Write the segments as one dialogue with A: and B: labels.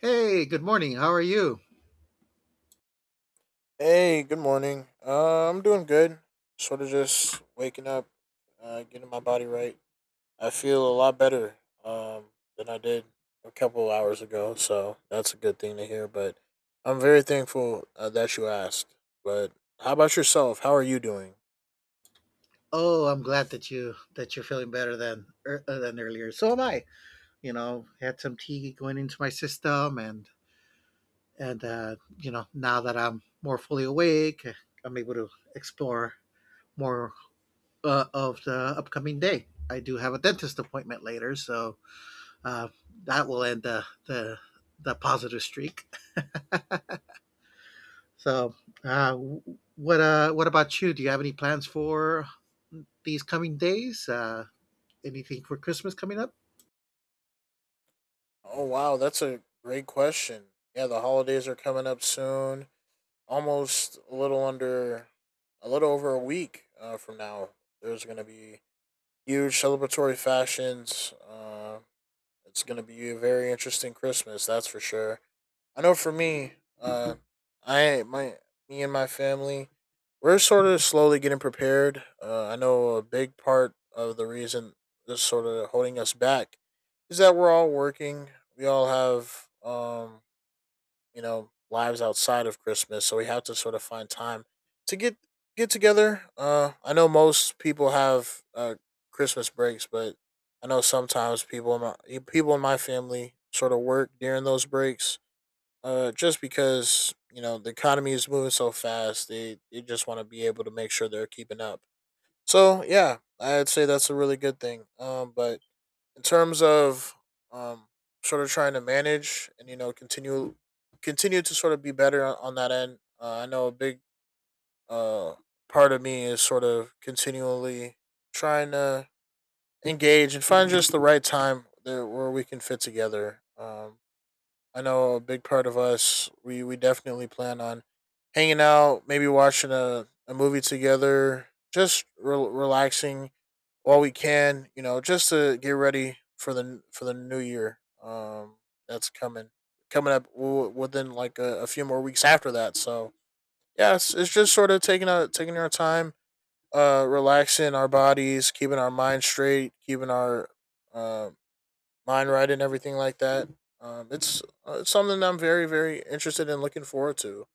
A: Hey, good morning. How are you?
B: Hey, good morning. I'm doing good. Sort of just waking up, getting my body right. I feel a lot better um, than I did a couple hours ago, so that's a good thing to hear. But I'm very thankful that you asked. But how about yourself? How are you doing?
A: Oh, I'm glad that you're feeling better than earlier. So am I. You know, had some tea going into my system, and and you know, now that I'm more fully awake, I'm able to explore more of the upcoming day. I do have a dentist appointment later, so uh, that will end the the positive streak. So, uh, what about you? Do you have any plans for these coming days? Anything for Christmas coming up?
B: Oh, wow, that's a great question. Yeah, the holidays are coming up soon. Almost a little over a week from now. There's going to be huge celebratory fashions. It's going to be a very interesting Christmas, that's for sure. I know for me, uh, I my me and my family, we're sort of slowly getting prepared. I know a big part of the reason that's sort of holding us back is that we're all working. We all have you know lives outside of Christmas, so we have to sort of find time to get together. I know most people have Christmas breaks, but I know sometimes people in my family sort of work during those breaks. Just because you know the economy is moving so fast, they just want to be able to make sure they're keeping up. So yeah, I'd say that's a really good thing. But in terms of um, sort of trying to manage and you know continue continue to sort of be better on that end. I know a big uh, part of me is sort of continually trying to engage and find just the right time where we can fit together. I know a big part of us we definitely plan on hanging out, maybe watching a movie together, just relaxing while we can, you know, just to get ready for the new year. That's coming up within like a few more weeks after that. So yeah, it's just sort of taking our time, relaxing our bodies, keeping our mind straight, keeping our uh, mind right, and everything like that. It's something that I'm very, very interested in looking forward to.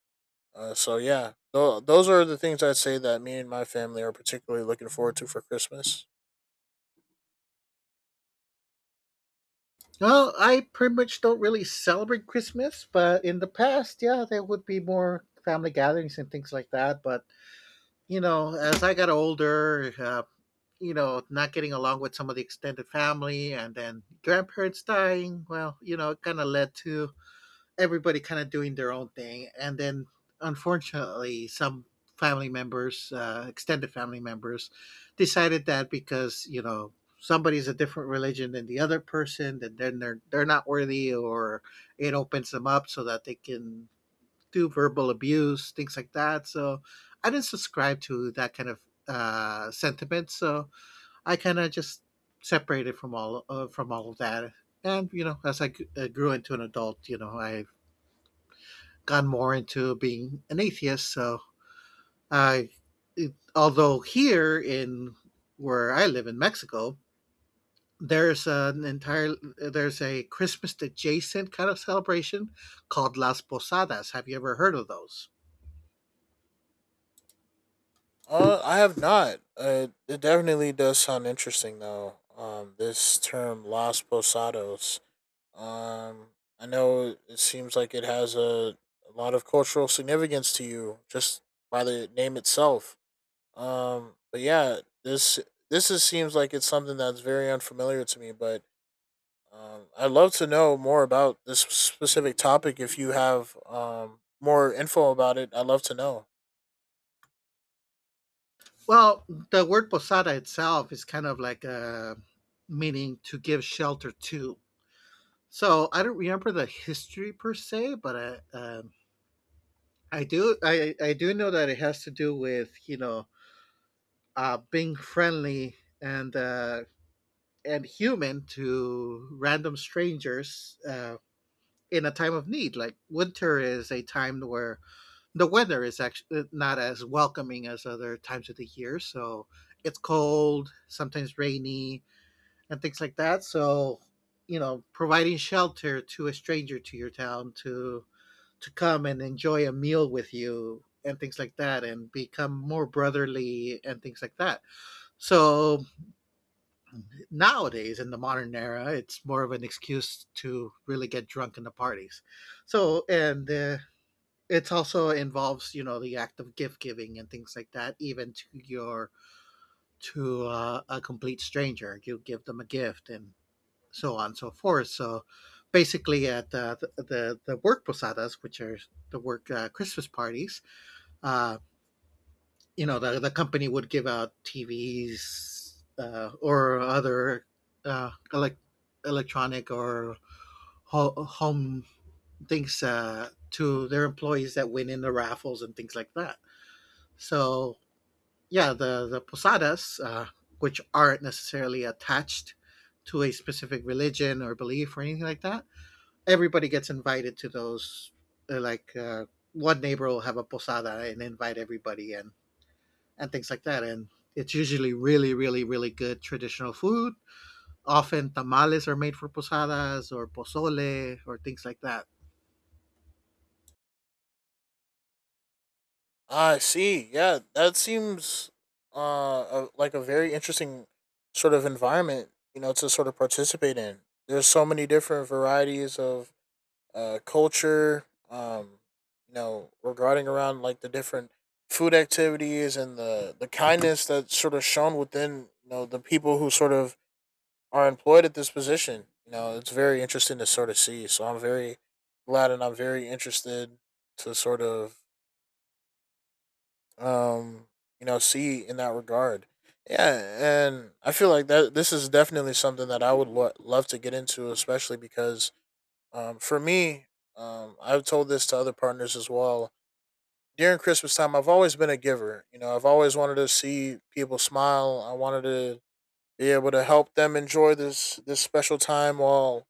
B: So yeah, those are the things I'd say that me and my family are particularly looking forward to for Christmas.
A: Well, I pretty much don't really celebrate Christmas, but in the past, yeah, there would be more family gatherings and things like that. But, you know, as I got older, you know, not getting along with some of the extended family and then grandparents dying, well, you know, it kind of led to everybody kind of doing their own thing, and then unfortunately, some family members, extended family members, decided that because you know somebody's a different religion than the other person, that then they're not worthy, or it opens them up so that they can do verbal abuse, things like that. So I didn't subscribe to that kind of sentiment, so I kind of just separated from all of that. And you know, as I grew into an adult, you know, I gone more into being an atheist. So I, it, although here in where I live in Mexico, there's an entire there's a Christmas adjacent kind of celebration called Las Posadas. Have you ever heard of those?
B: I have not. It definitely does sound interesting though. This term Los Posados. Um, I know it seems like it has a lot of cultural significance to you just by the name itself. But yeah, this this is, seems like it's something that's very unfamiliar to me. But I'd love to know more about this specific topic. If you have more info about it, I'd love to know.
A: Well, the word posada itself is kind of like a meaning to give shelter to. So I don't remember the history per se, but I do I do know that it has to do with you know being friendly and and human to random strangers in a time of need. Like winter is a time where the weather is actually not as welcoming as other times of the year. So it's cold, sometimes rainy, and things like that. So you know, providing shelter to a stranger to your town to come and enjoy a meal with you and things like that and become more brotherly and things like that. So nowadays in the modern era, it's more of an excuse to really get drunk in the parties. So, and it's also involves you know the act of gift giving and things like that, even to your to a complete stranger. You give them a gift and so on and so forth. So, basically, at the work posadas, which are the work Christmas parties, uh, you know the company would give out TVs or other uh, elec electronic or home things to their employees that win in the raffles and things like that. So yeah, the posadas, which aren't necessarily attached to a specific religion or belief or anything like that, everybody gets invited to those. Like one neighbor will have a posada and invite everybody, and things like that. And it's usually really, really, really good traditional food. Often tamales are made for posadas or pozole or things like that.
B: I see. Yeah, that seems like a very interesting sort of environment, You know, to sort of participate in. There's so many different varieties of culture, um, you know, regarding around like the different food activities and the kindness that's sort of shown within you know, the people who sort of are employed at this position. You know, it's very interesting to sort of see. So I'm very glad and I'm very interested to sort of, um, you know, see in that regard. Yeah, and I feel like that this is definitely something that I would love to get into, especially because for me, I've told this to other partners as well. During Christmas time, I've always been a giver. You know, I've always wanted to see people smile. I wanted to be able to help them enjoy this special time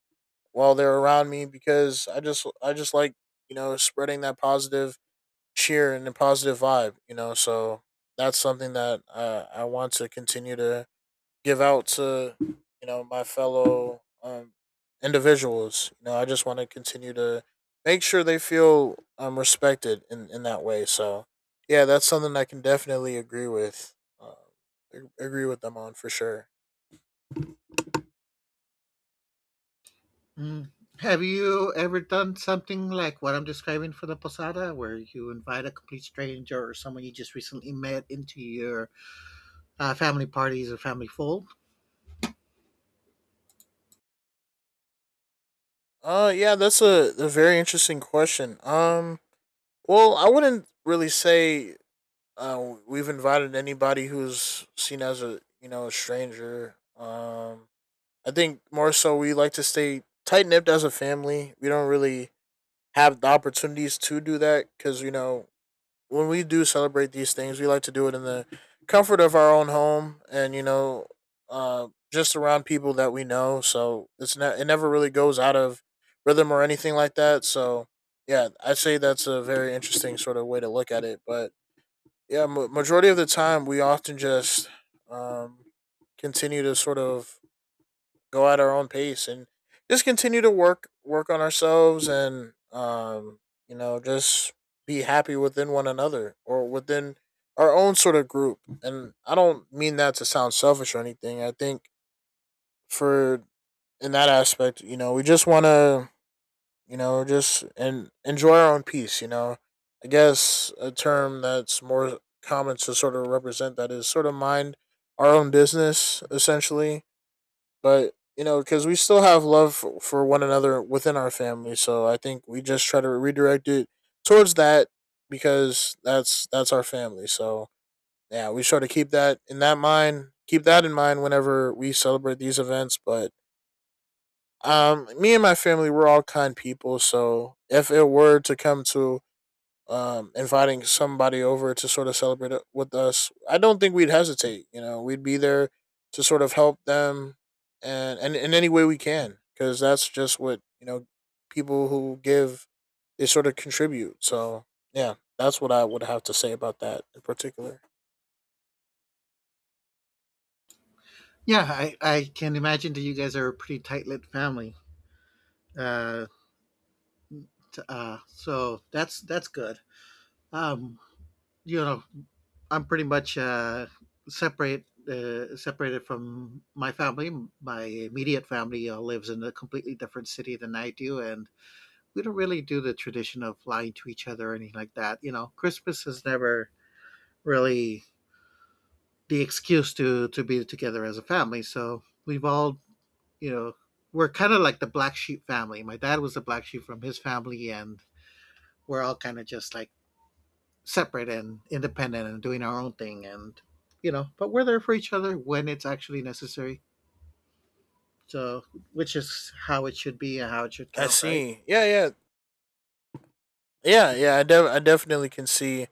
B: while they're around me because I just like you know spreading that positive cheer and the positive vibe. You know, so that's something that I want to continue to give out to you know my fellow individuals. You know, I just want to continue to make sure they feel respected in that way. So yeah, that's something I can definitely agree with. Agree with them on for sure.
A: Mm. Have you ever done something like what I'm describing for the posada, where you invite a complete stranger or someone you just recently met into your family parties or family fold?
B: Yeah, that's a very interesting question. Well, I wouldn't really say we've invited anybody who's seen as a you know a stranger. I think more so we like to stay tight nipped as a family. We don't really have the opportunities to do that because you know when we do celebrate these things, we like to do it in the comfort of our own home and you know uh, just around people that we know. So it never really goes out of rhythm or anything like that. So yeah, I'd say that's a very interesting sort of way to look at it. But yeah, majority of the time we often just um, continue to sort of go at our own pace and just continue to work on ourselves and you know just be happy within one another or within our own sort of group, and I don't mean that to sound selfish. Or anything I think for in that aspect, you know we just want to you know just and enjoy our own peace. You know I guess a term that's more common to sort of represent that is sort of mind our own business, essentially. But you know, because we still have love for one another within our family, so I think we just try to redirect it towards that because that's our family. So yeah, we try to keep that in mind whenever we celebrate these events. But me and my family, we're all kind people, so if it were to come to inviting somebody over to sort of celebrate it with us, I don't think we'd hesitate. You know, we'd be there to sort of help them and in any way we can, because that's just what you know, people who give, they sort of contribute. So, yeah, that's what I would have to say about that in particular.
A: Yeah, I can imagine that you guys are a pretty tight-knit family. Uh, so that's good. Um, you know, I'm pretty much separated from my family. My immediate family lives in a completely different city than I do, and we don't really do the tradition of lying to each other or anything like that. You know, Christmas is never really the excuse to be together as a family. So we've all, you know, we're kind of like the black sheep family. My dad was the black sheep from his family, and we're all kind of just like separate and independent and doing our own thing and you know but we're there for each other when it's actually necessary, so which is how it should be and how it should
B: I
A: count, right?
B: see. Yeah. I definitely can see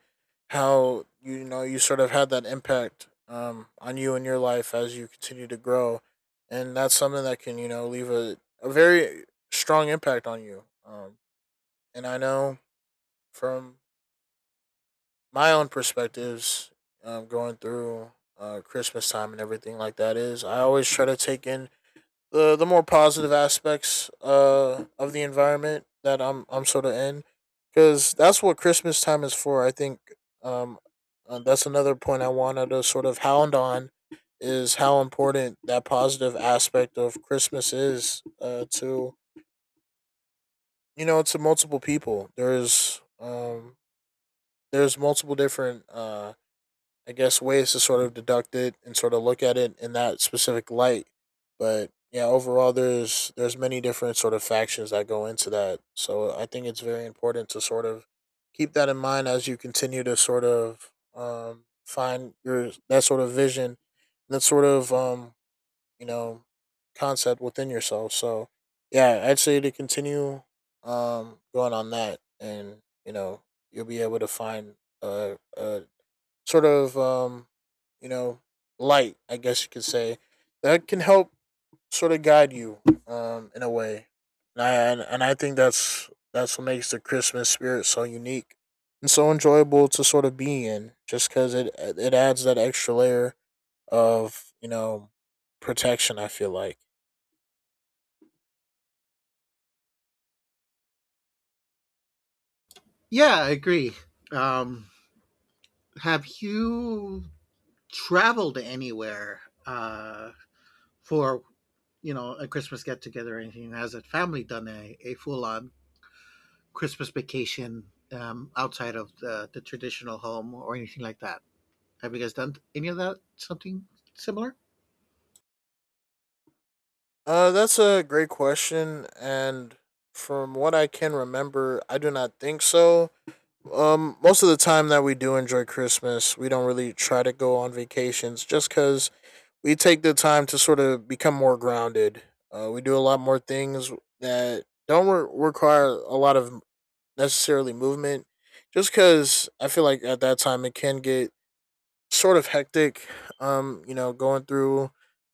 B: how you know you sort of had that impact on you and your life as you continue to grow, and that's something that can you know leave a very strong impact on you. And I know from my own perspectives, going through Christmas time and everything like that is I always try to take in the more positive aspects of the environment that I'm sort of in because that's what Christmas time is for. I think um that's another point I wanted to sort of hound on is how important that positive aspect of Christmas is to you know to multiple people. There's multiple different I guess, ways to sort of deduct it and sort of look at it in that specific light. But yeah, overall, there's many different sort of factions that go into that. So I think it's very important to sort of keep that in mind as you continue to sort of find your that sort of vision, that sort of you know concept within yourself. So yeah, I'd say to continue going on that, and you know you'll be able to find a sort of you know light, I guess you could say, that can help sort of guide you in a way. And and I think that's what makes the Christmas spirit so unique and so enjoyable to sort of be in, just because it adds that extra layer of you know protection, I feel like.
A: Yeah, I agree. Um, have you traveled anywhere uh for you know a Christmas get together or anything? Has a family done a full-on Christmas vacation outside of the traditional home or anything like that? Have you guys done any of that, something similar?
B: That's a great question, and from what I can remember, I do not think so. Most of the time that we do enjoy Christmas, we don't really try to go on vacations just because we take the time to sort of become more grounded. We do a lot more things that don't require a lot of necessarily movement just because I feel like at that time it can get sort of hectic. You know, going through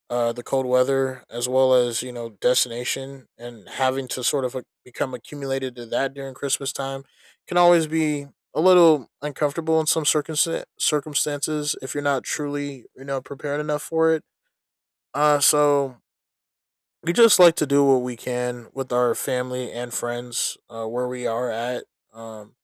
B: the cold weather as well as you know destination and having to sort of become accumulated to that during Christmas time can always be a little uncomfortable in some circumstances if you're not truly you know prepared enough for it. So we just like to do what we can with our family and friends where we are at, um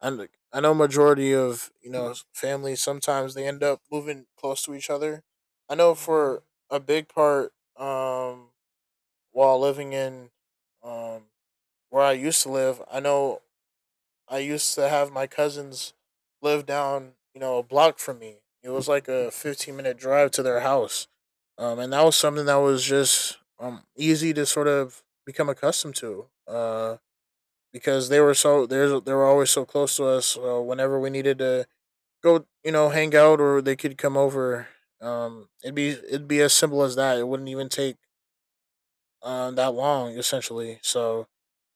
B: and like, I know majority of you know families sometimes they end up moving close to each other. I know for a big part while living in um where I used to live, I know I used to have my cousins live down you know, a block from me. It was like a 15-minute minute drive to their house. And that was something that was just easy to sort of become accustomed to because they were always so close to us whenever we needed to go hang out or they could come over, it'd be as simple as that. It wouldn't even take that long essentially. So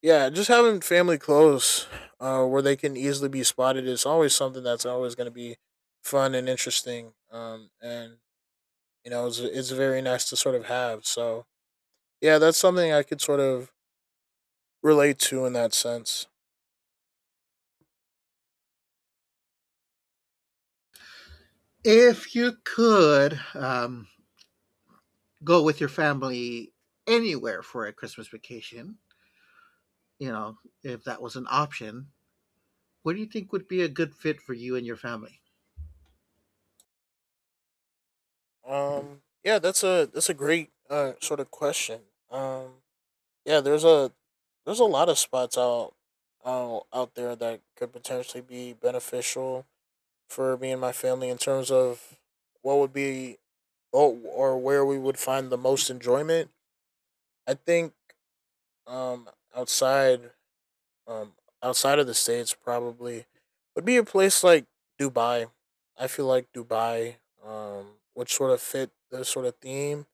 B: yeah, just having family close, where they can easily be spotted, is always something that's always going to be fun and interesting. And you know, it's very nice to sort of have. So yeah, that's something I could sort of relate to in that sense.
A: If you could go with your family anywhere for a Christmas vacation, you know, if that was an option, what do you think would be a good fit for you and your family?
B: Yeah, that's a great sort of question. Um, yeah, there's a lot of spots out there that could potentially be beneficial for me and my family in terms of what would be oh, or where we would find the most enjoyment. I think um, outside um, outside of the states probably would be a place like Dubai. I feel like Dubai would sort of fit the sort of theme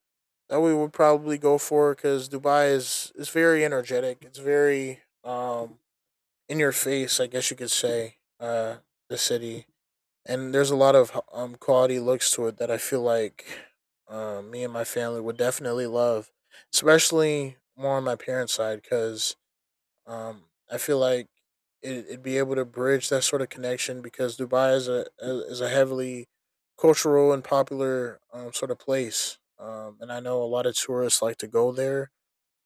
B: that we would probably go for, because Dubai is very energetic. It's very in your face, I guess you could say. The city, and there's a lot of quality looks to it that I feel like me and my family would definitely love, especially more on my parents' side, because um I feel like it'd be able to bridge that sort of connection, because Dubai is a heavily cultural and popular sort of place, and I know a lot of tourists like to go there,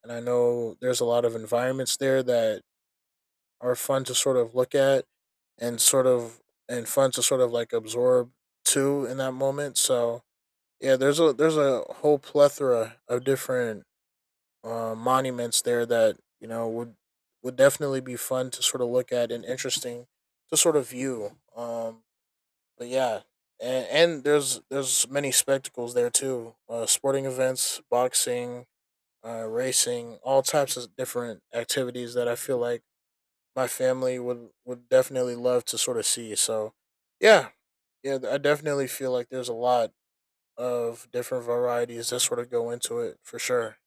B: and I know there's a lot of environments there that are fun to sort of look at and fun to sort of like absorb too in that moment. So yeah, there's a whole plethora of different monuments there that you know would definitely be fun to sort of look at and interesting to sort of view. But yeah, and there's many spectacles there too, sporting events, boxing, racing, all types of different activities that I feel like my family would definitely love to sort of see. So, yeah, yeah, I definitely feel like there's a lot of different varieties that sort of go into it for sure.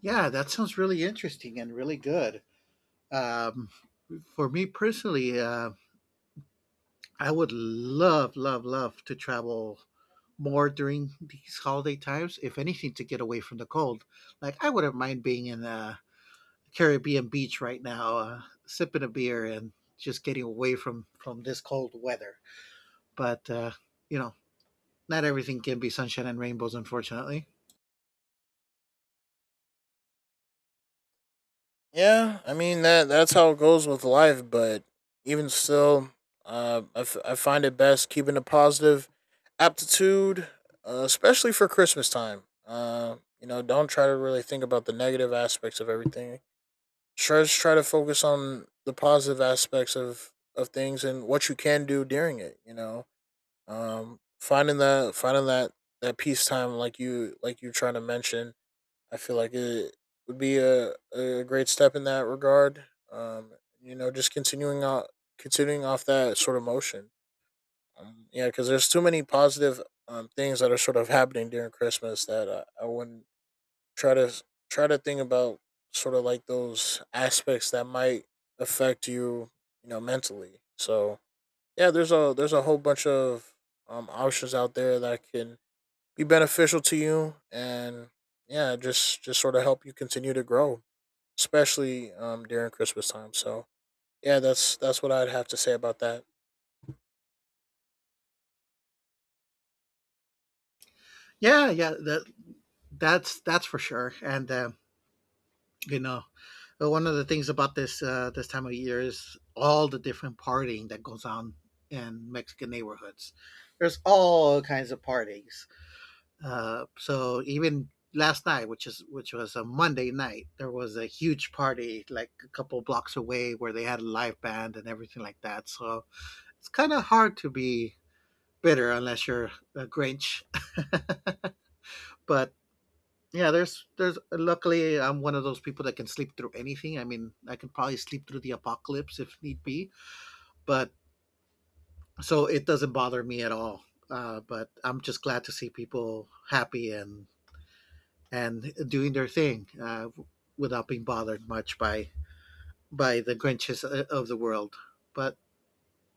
A: Yeah, that sounds really interesting and really good. Um, for me personally, I would love, love, love to travel more during these holiday times, if anything, to get away from the cold. Like, I wouldn't mind being in Caribbean beach right now, sipping a beer and just getting away from this cold weather. But you know, not everything can be sunshine and rainbows, unfortunately.
B: Yeah, I mean that's how it goes with life, but even still, I find it best keeping a positive aptitude, especially for Christmas time. You know, don't try to really think about the negative aspects of everything. Try Just try to focus on the positive aspects of things and what you can do during it, you know. Finding that that peace time, like you trying to mention, I feel like it would be a great step in that regard, um you know. Just continuing out Continuing off that sort of motion, yeah, because there's too many positive things that are sort of happening during Christmas that I wouldn't try to try to think about sort of like those aspects that might affect you, you know, mentally. So yeah, there's a whole bunch of options out there that can be beneficial to you, and yeah, just sort of help you continue to grow, especially during Christmas time. So yeah, that's what I'd have to say about that.
A: Yeah, yeah, that's for sure. And you know, one of the things about this time of year is all the different partying that goes on in Mexican neighborhoods. There's all kinds of parties. So even last night, which is which was a Monday night, there was a huge party like a couple blocks away where they had a live band and everything like that. So it's kind of hard to be bitter unless you're a Grinch. But yeah, there's luckily I'm one of those people that can sleep through anything. I mean, I can probably sleep through the apocalypse if need be, but so it doesn't bother me at all. But I'm just glad to see people happy and doing their thing without being bothered much by the Grinches of the world. But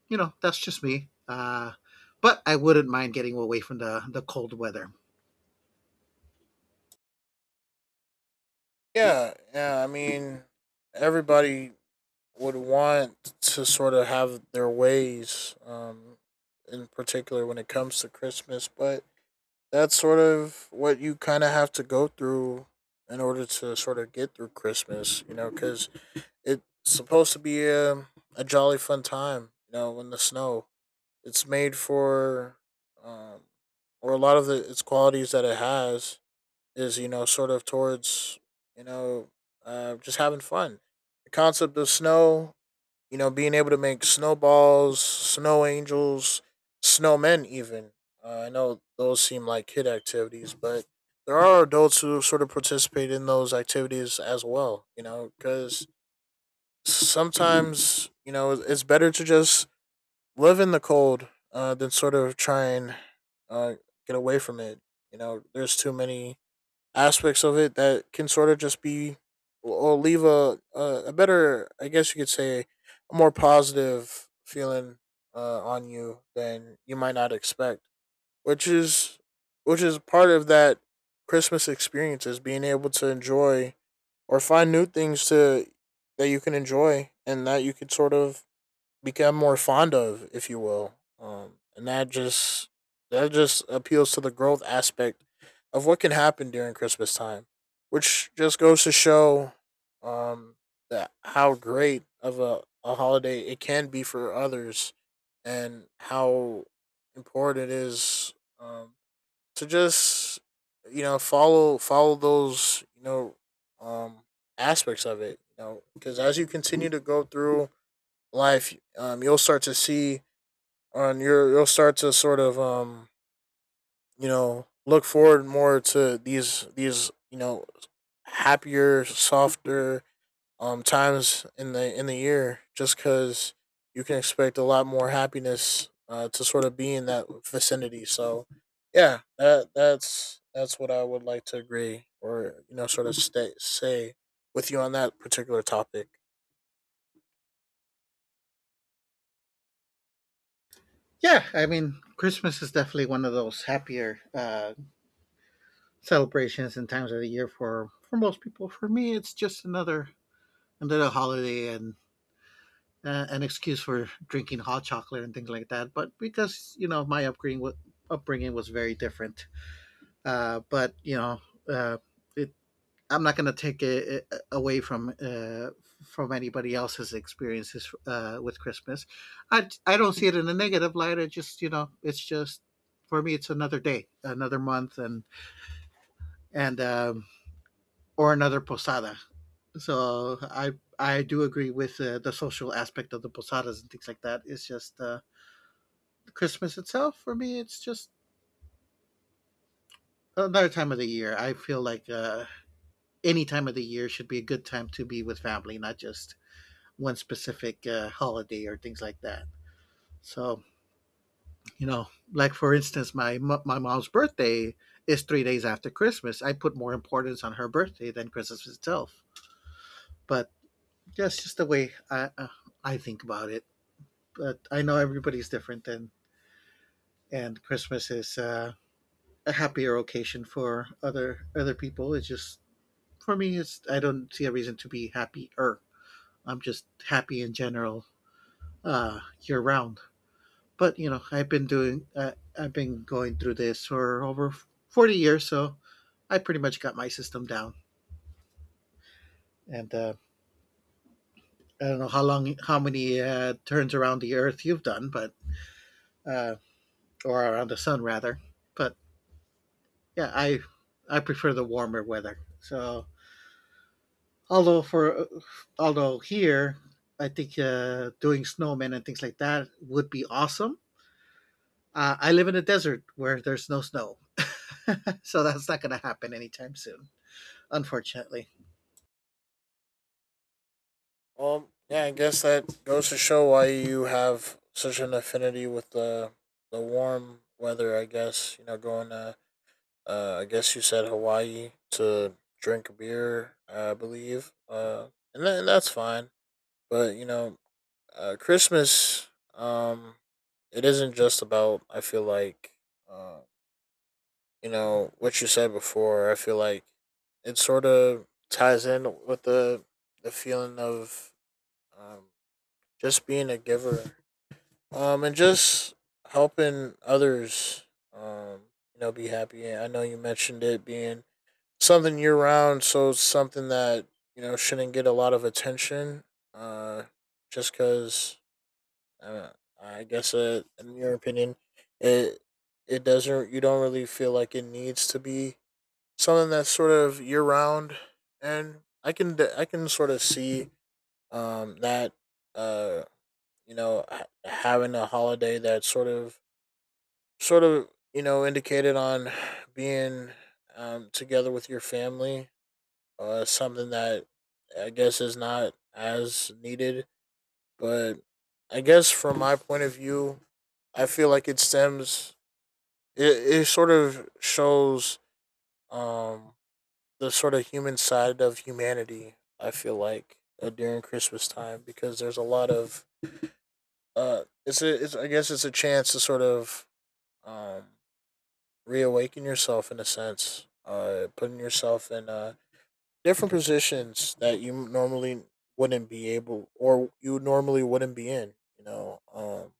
A: you know, that's just me. But I wouldn't mind getting away from the cold weather.
B: Yeah, yeah. I mean, everybody would want to sort of have their ways, in particular when it comes to Christmas. But that's sort of what you kind of have to go through in order to sort of get through Christmas, you know, because it's supposed to be a jolly fun time, you know, in the snow. It's made for, um, or a lot of the, its qualities that it has is, you know, sort of towards, you know, just having fun. The concept of snow, you know, being able to make snowballs, snow angels, snowmen, even. I know those seem like kid activities, but there are adults who sort of participate in those activities as well, you know, because sometimes, you know, it's better to just live in the cold, than sort of try and uh, get away from it. You know, there's too many aspects of it that can sort of just be or leave a better, I guess you could say, a more positive feeling on you than you might not expect, which is part of that Christmas experience, is being able to enjoy or find new things to that you can enjoy and that you could sort of become more fond of, if you will. And that just appeals to the growth aspect of what can happen during Christmas time, which just goes to show um, that how great of a holiday it can be for others, and how important it is, um, to just, you know, follow those, you know, um, aspects of it, you know, because as you continue to go through life, you'll start to see on your you'll start to sort of you know, look forward more to these you know, happier, softer times in the year, just because you can expect a lot more happiness to sort of be in that vicinity. So yeah, that's what I would like to agree, or you know, sort of say with you on that particular topic.
A: Yeah, I mean, Christmas is definitely one of those happier celebrations and times of the year for most people. For me, it's just another another holiday and an excuse for drinking hot chocolate and things like that. But because you know my upbringing was very different. But you know, uh, it, I'm not going to take it away from anybody else's experiences with Christmas. I don't see it in a negative light. I just you know, it's just for me, it's another day, another month, and and um, or another posada. So I do agree with the social aspect of the posadas and things like that. It's just Christmas itself for me, it's just another time of the year. I feel like. Any time of the year should be a good time to be with family, not just one specific holiday or things like that. So, you know, like for instance, my mom's birthday is 3 days after Christmas. I put more importance on her birthday than Christmas itself. But that's just the way I think about it. But I know everybody's different, and Christmas is a happier occasion for other other people. It's just for me, it's I don't see a reason to be happier. I'm just happy in general year round. But you know, I've been going through this for over 40 years, so I pretty much got my system down. And I don't know how long, how many turns around the Earth you've done, but uh, or around the sun rather. But yeah, I prefer the warmer weather. So although for although here, I think doing snowmen and things like that would be awesome. I live in a desert where there's no snow. So that's not going to happen anytime soon, unfortunately.
B: Well, yeah, I guess that goes to show why you have such an affinity with the warm weather. I guess you know going to. I guess you said Hawaii to drink beer, I believe, and then that's fine. But you know, Christmas. It isn't just about. I feel like, uh, you know, what you said before. I feel like it sort of ties in with the feeling of um, just being a giver, and just helping others, um you know, be happy. And I know you mentioned it being something year round, so it's something that you know shouldn't get a lot of attention, uh just because, uh, I guess, in your opinion, it it doesn't, you don't really feel like it needs to be something that's sort of year round. And I can sort of see that uh you know, having a holiday that sort of, you know, indicated on being, together with your family, something that I guess is not as needed. But I guess from my point of view, I feel like it stems, it sort of shows, um, the sort of human side of humanity, I feel like, during Christmas time, because there's a lot of, it's, I guess it's a chance to sort of, um, reawaken yourself in a sense, putting yourself in different positions that you normally wouldn't be able, or you normally wouldn't be in. You know,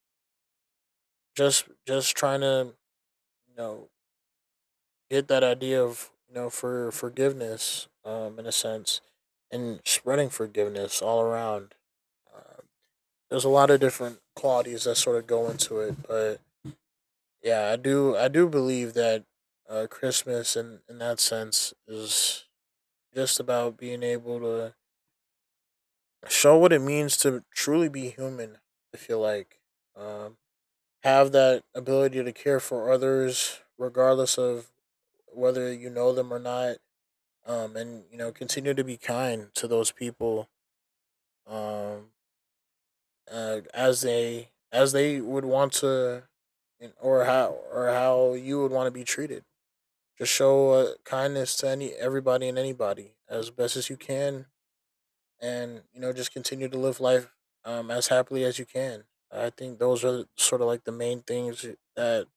B: just trying to, you know, get that idea of, you know, forgiveness, in a sense, and spreading forgiveness all around. Uh, there's a lot of different qualities that sort of go into it, but yeah, I do. I do believe that, Christmas, in that sense, is just about being able to show what it means to truly be human. I feel like, um, have that ability to care for others, regardless of whether you know them or not, and you know, continue to be kind to those people, um, as they would want to, or how you would want to be treated. Just show kindness to any everybody and anybody as best as you can, and you know, just continue to live life, as happily as you can. I think those are sort of like the main things that,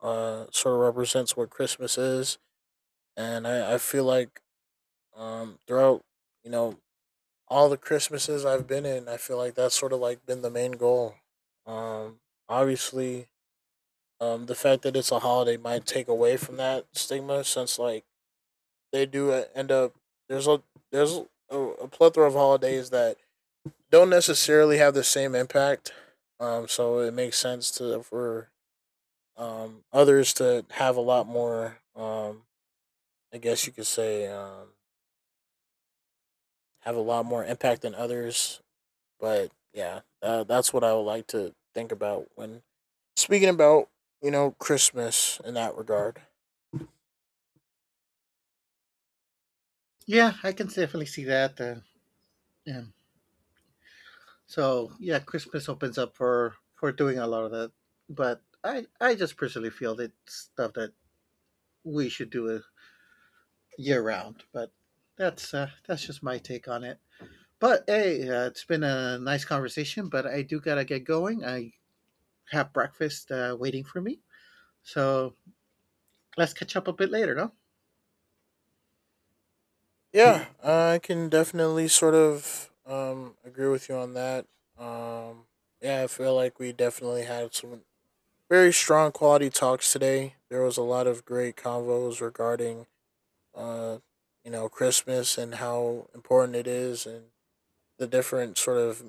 B: sort of represents what Christmas is, and I feel like, throughout, you know, all the Christmases I've been in, I feel like that's sort of like been the main goal. Um, obviously, the fact that it's a holiday might take away from that stigma, since like they do end up, there's a there's a plethora of holidays that don't necessarily have the same impact. So it makes sense to for, others to have a lot more. I guess you could say have a lot more impact than others. But yeah, that's what I would like to think about when speaking about, you know, Christmas in that regard.
A: Yeah, I can definitely see that. Yeah. So yeah, Christmas opens up for doing a lot of that, but I just personally feel that it's stuff that we should do year round. But that's just my take on it. But hey, it's been a nice conversation. But I do gotta get going. I have breakfast waiting for me, so let's catch up a bit later, no?
B: Yeah, I can definitely sort of agree with you on that. Um yeah, I feel like we definitely had some very strong quality talks today. There was a lot of great convos regarding, uh you know, Christmas and how important it is, and the different sort of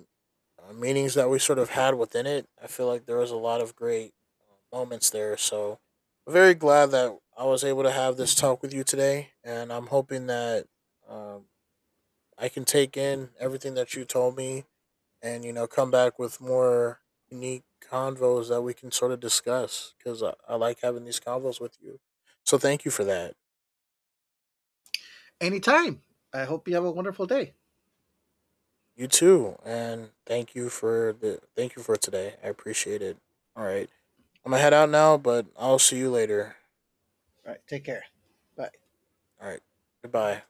B: meanings that we sort of had within it. I feel like there was a lot of great moments there. So I'm very glad that I was able to have this talk with you today, and I'm hoping that, um, I can take in everything that you told me, and, you know, come back with more unique convos that we can sort of discuss, because I like having these convos with you. So thank you for that.
A: Anytime. I hope you have a wonderful day.
B: You too. And thank you for thank you for today. I appreciate it. All right. I'm going to head out now, but I'll see you later.
A: All right. Take care. Bye.
B: All right. Goodbye.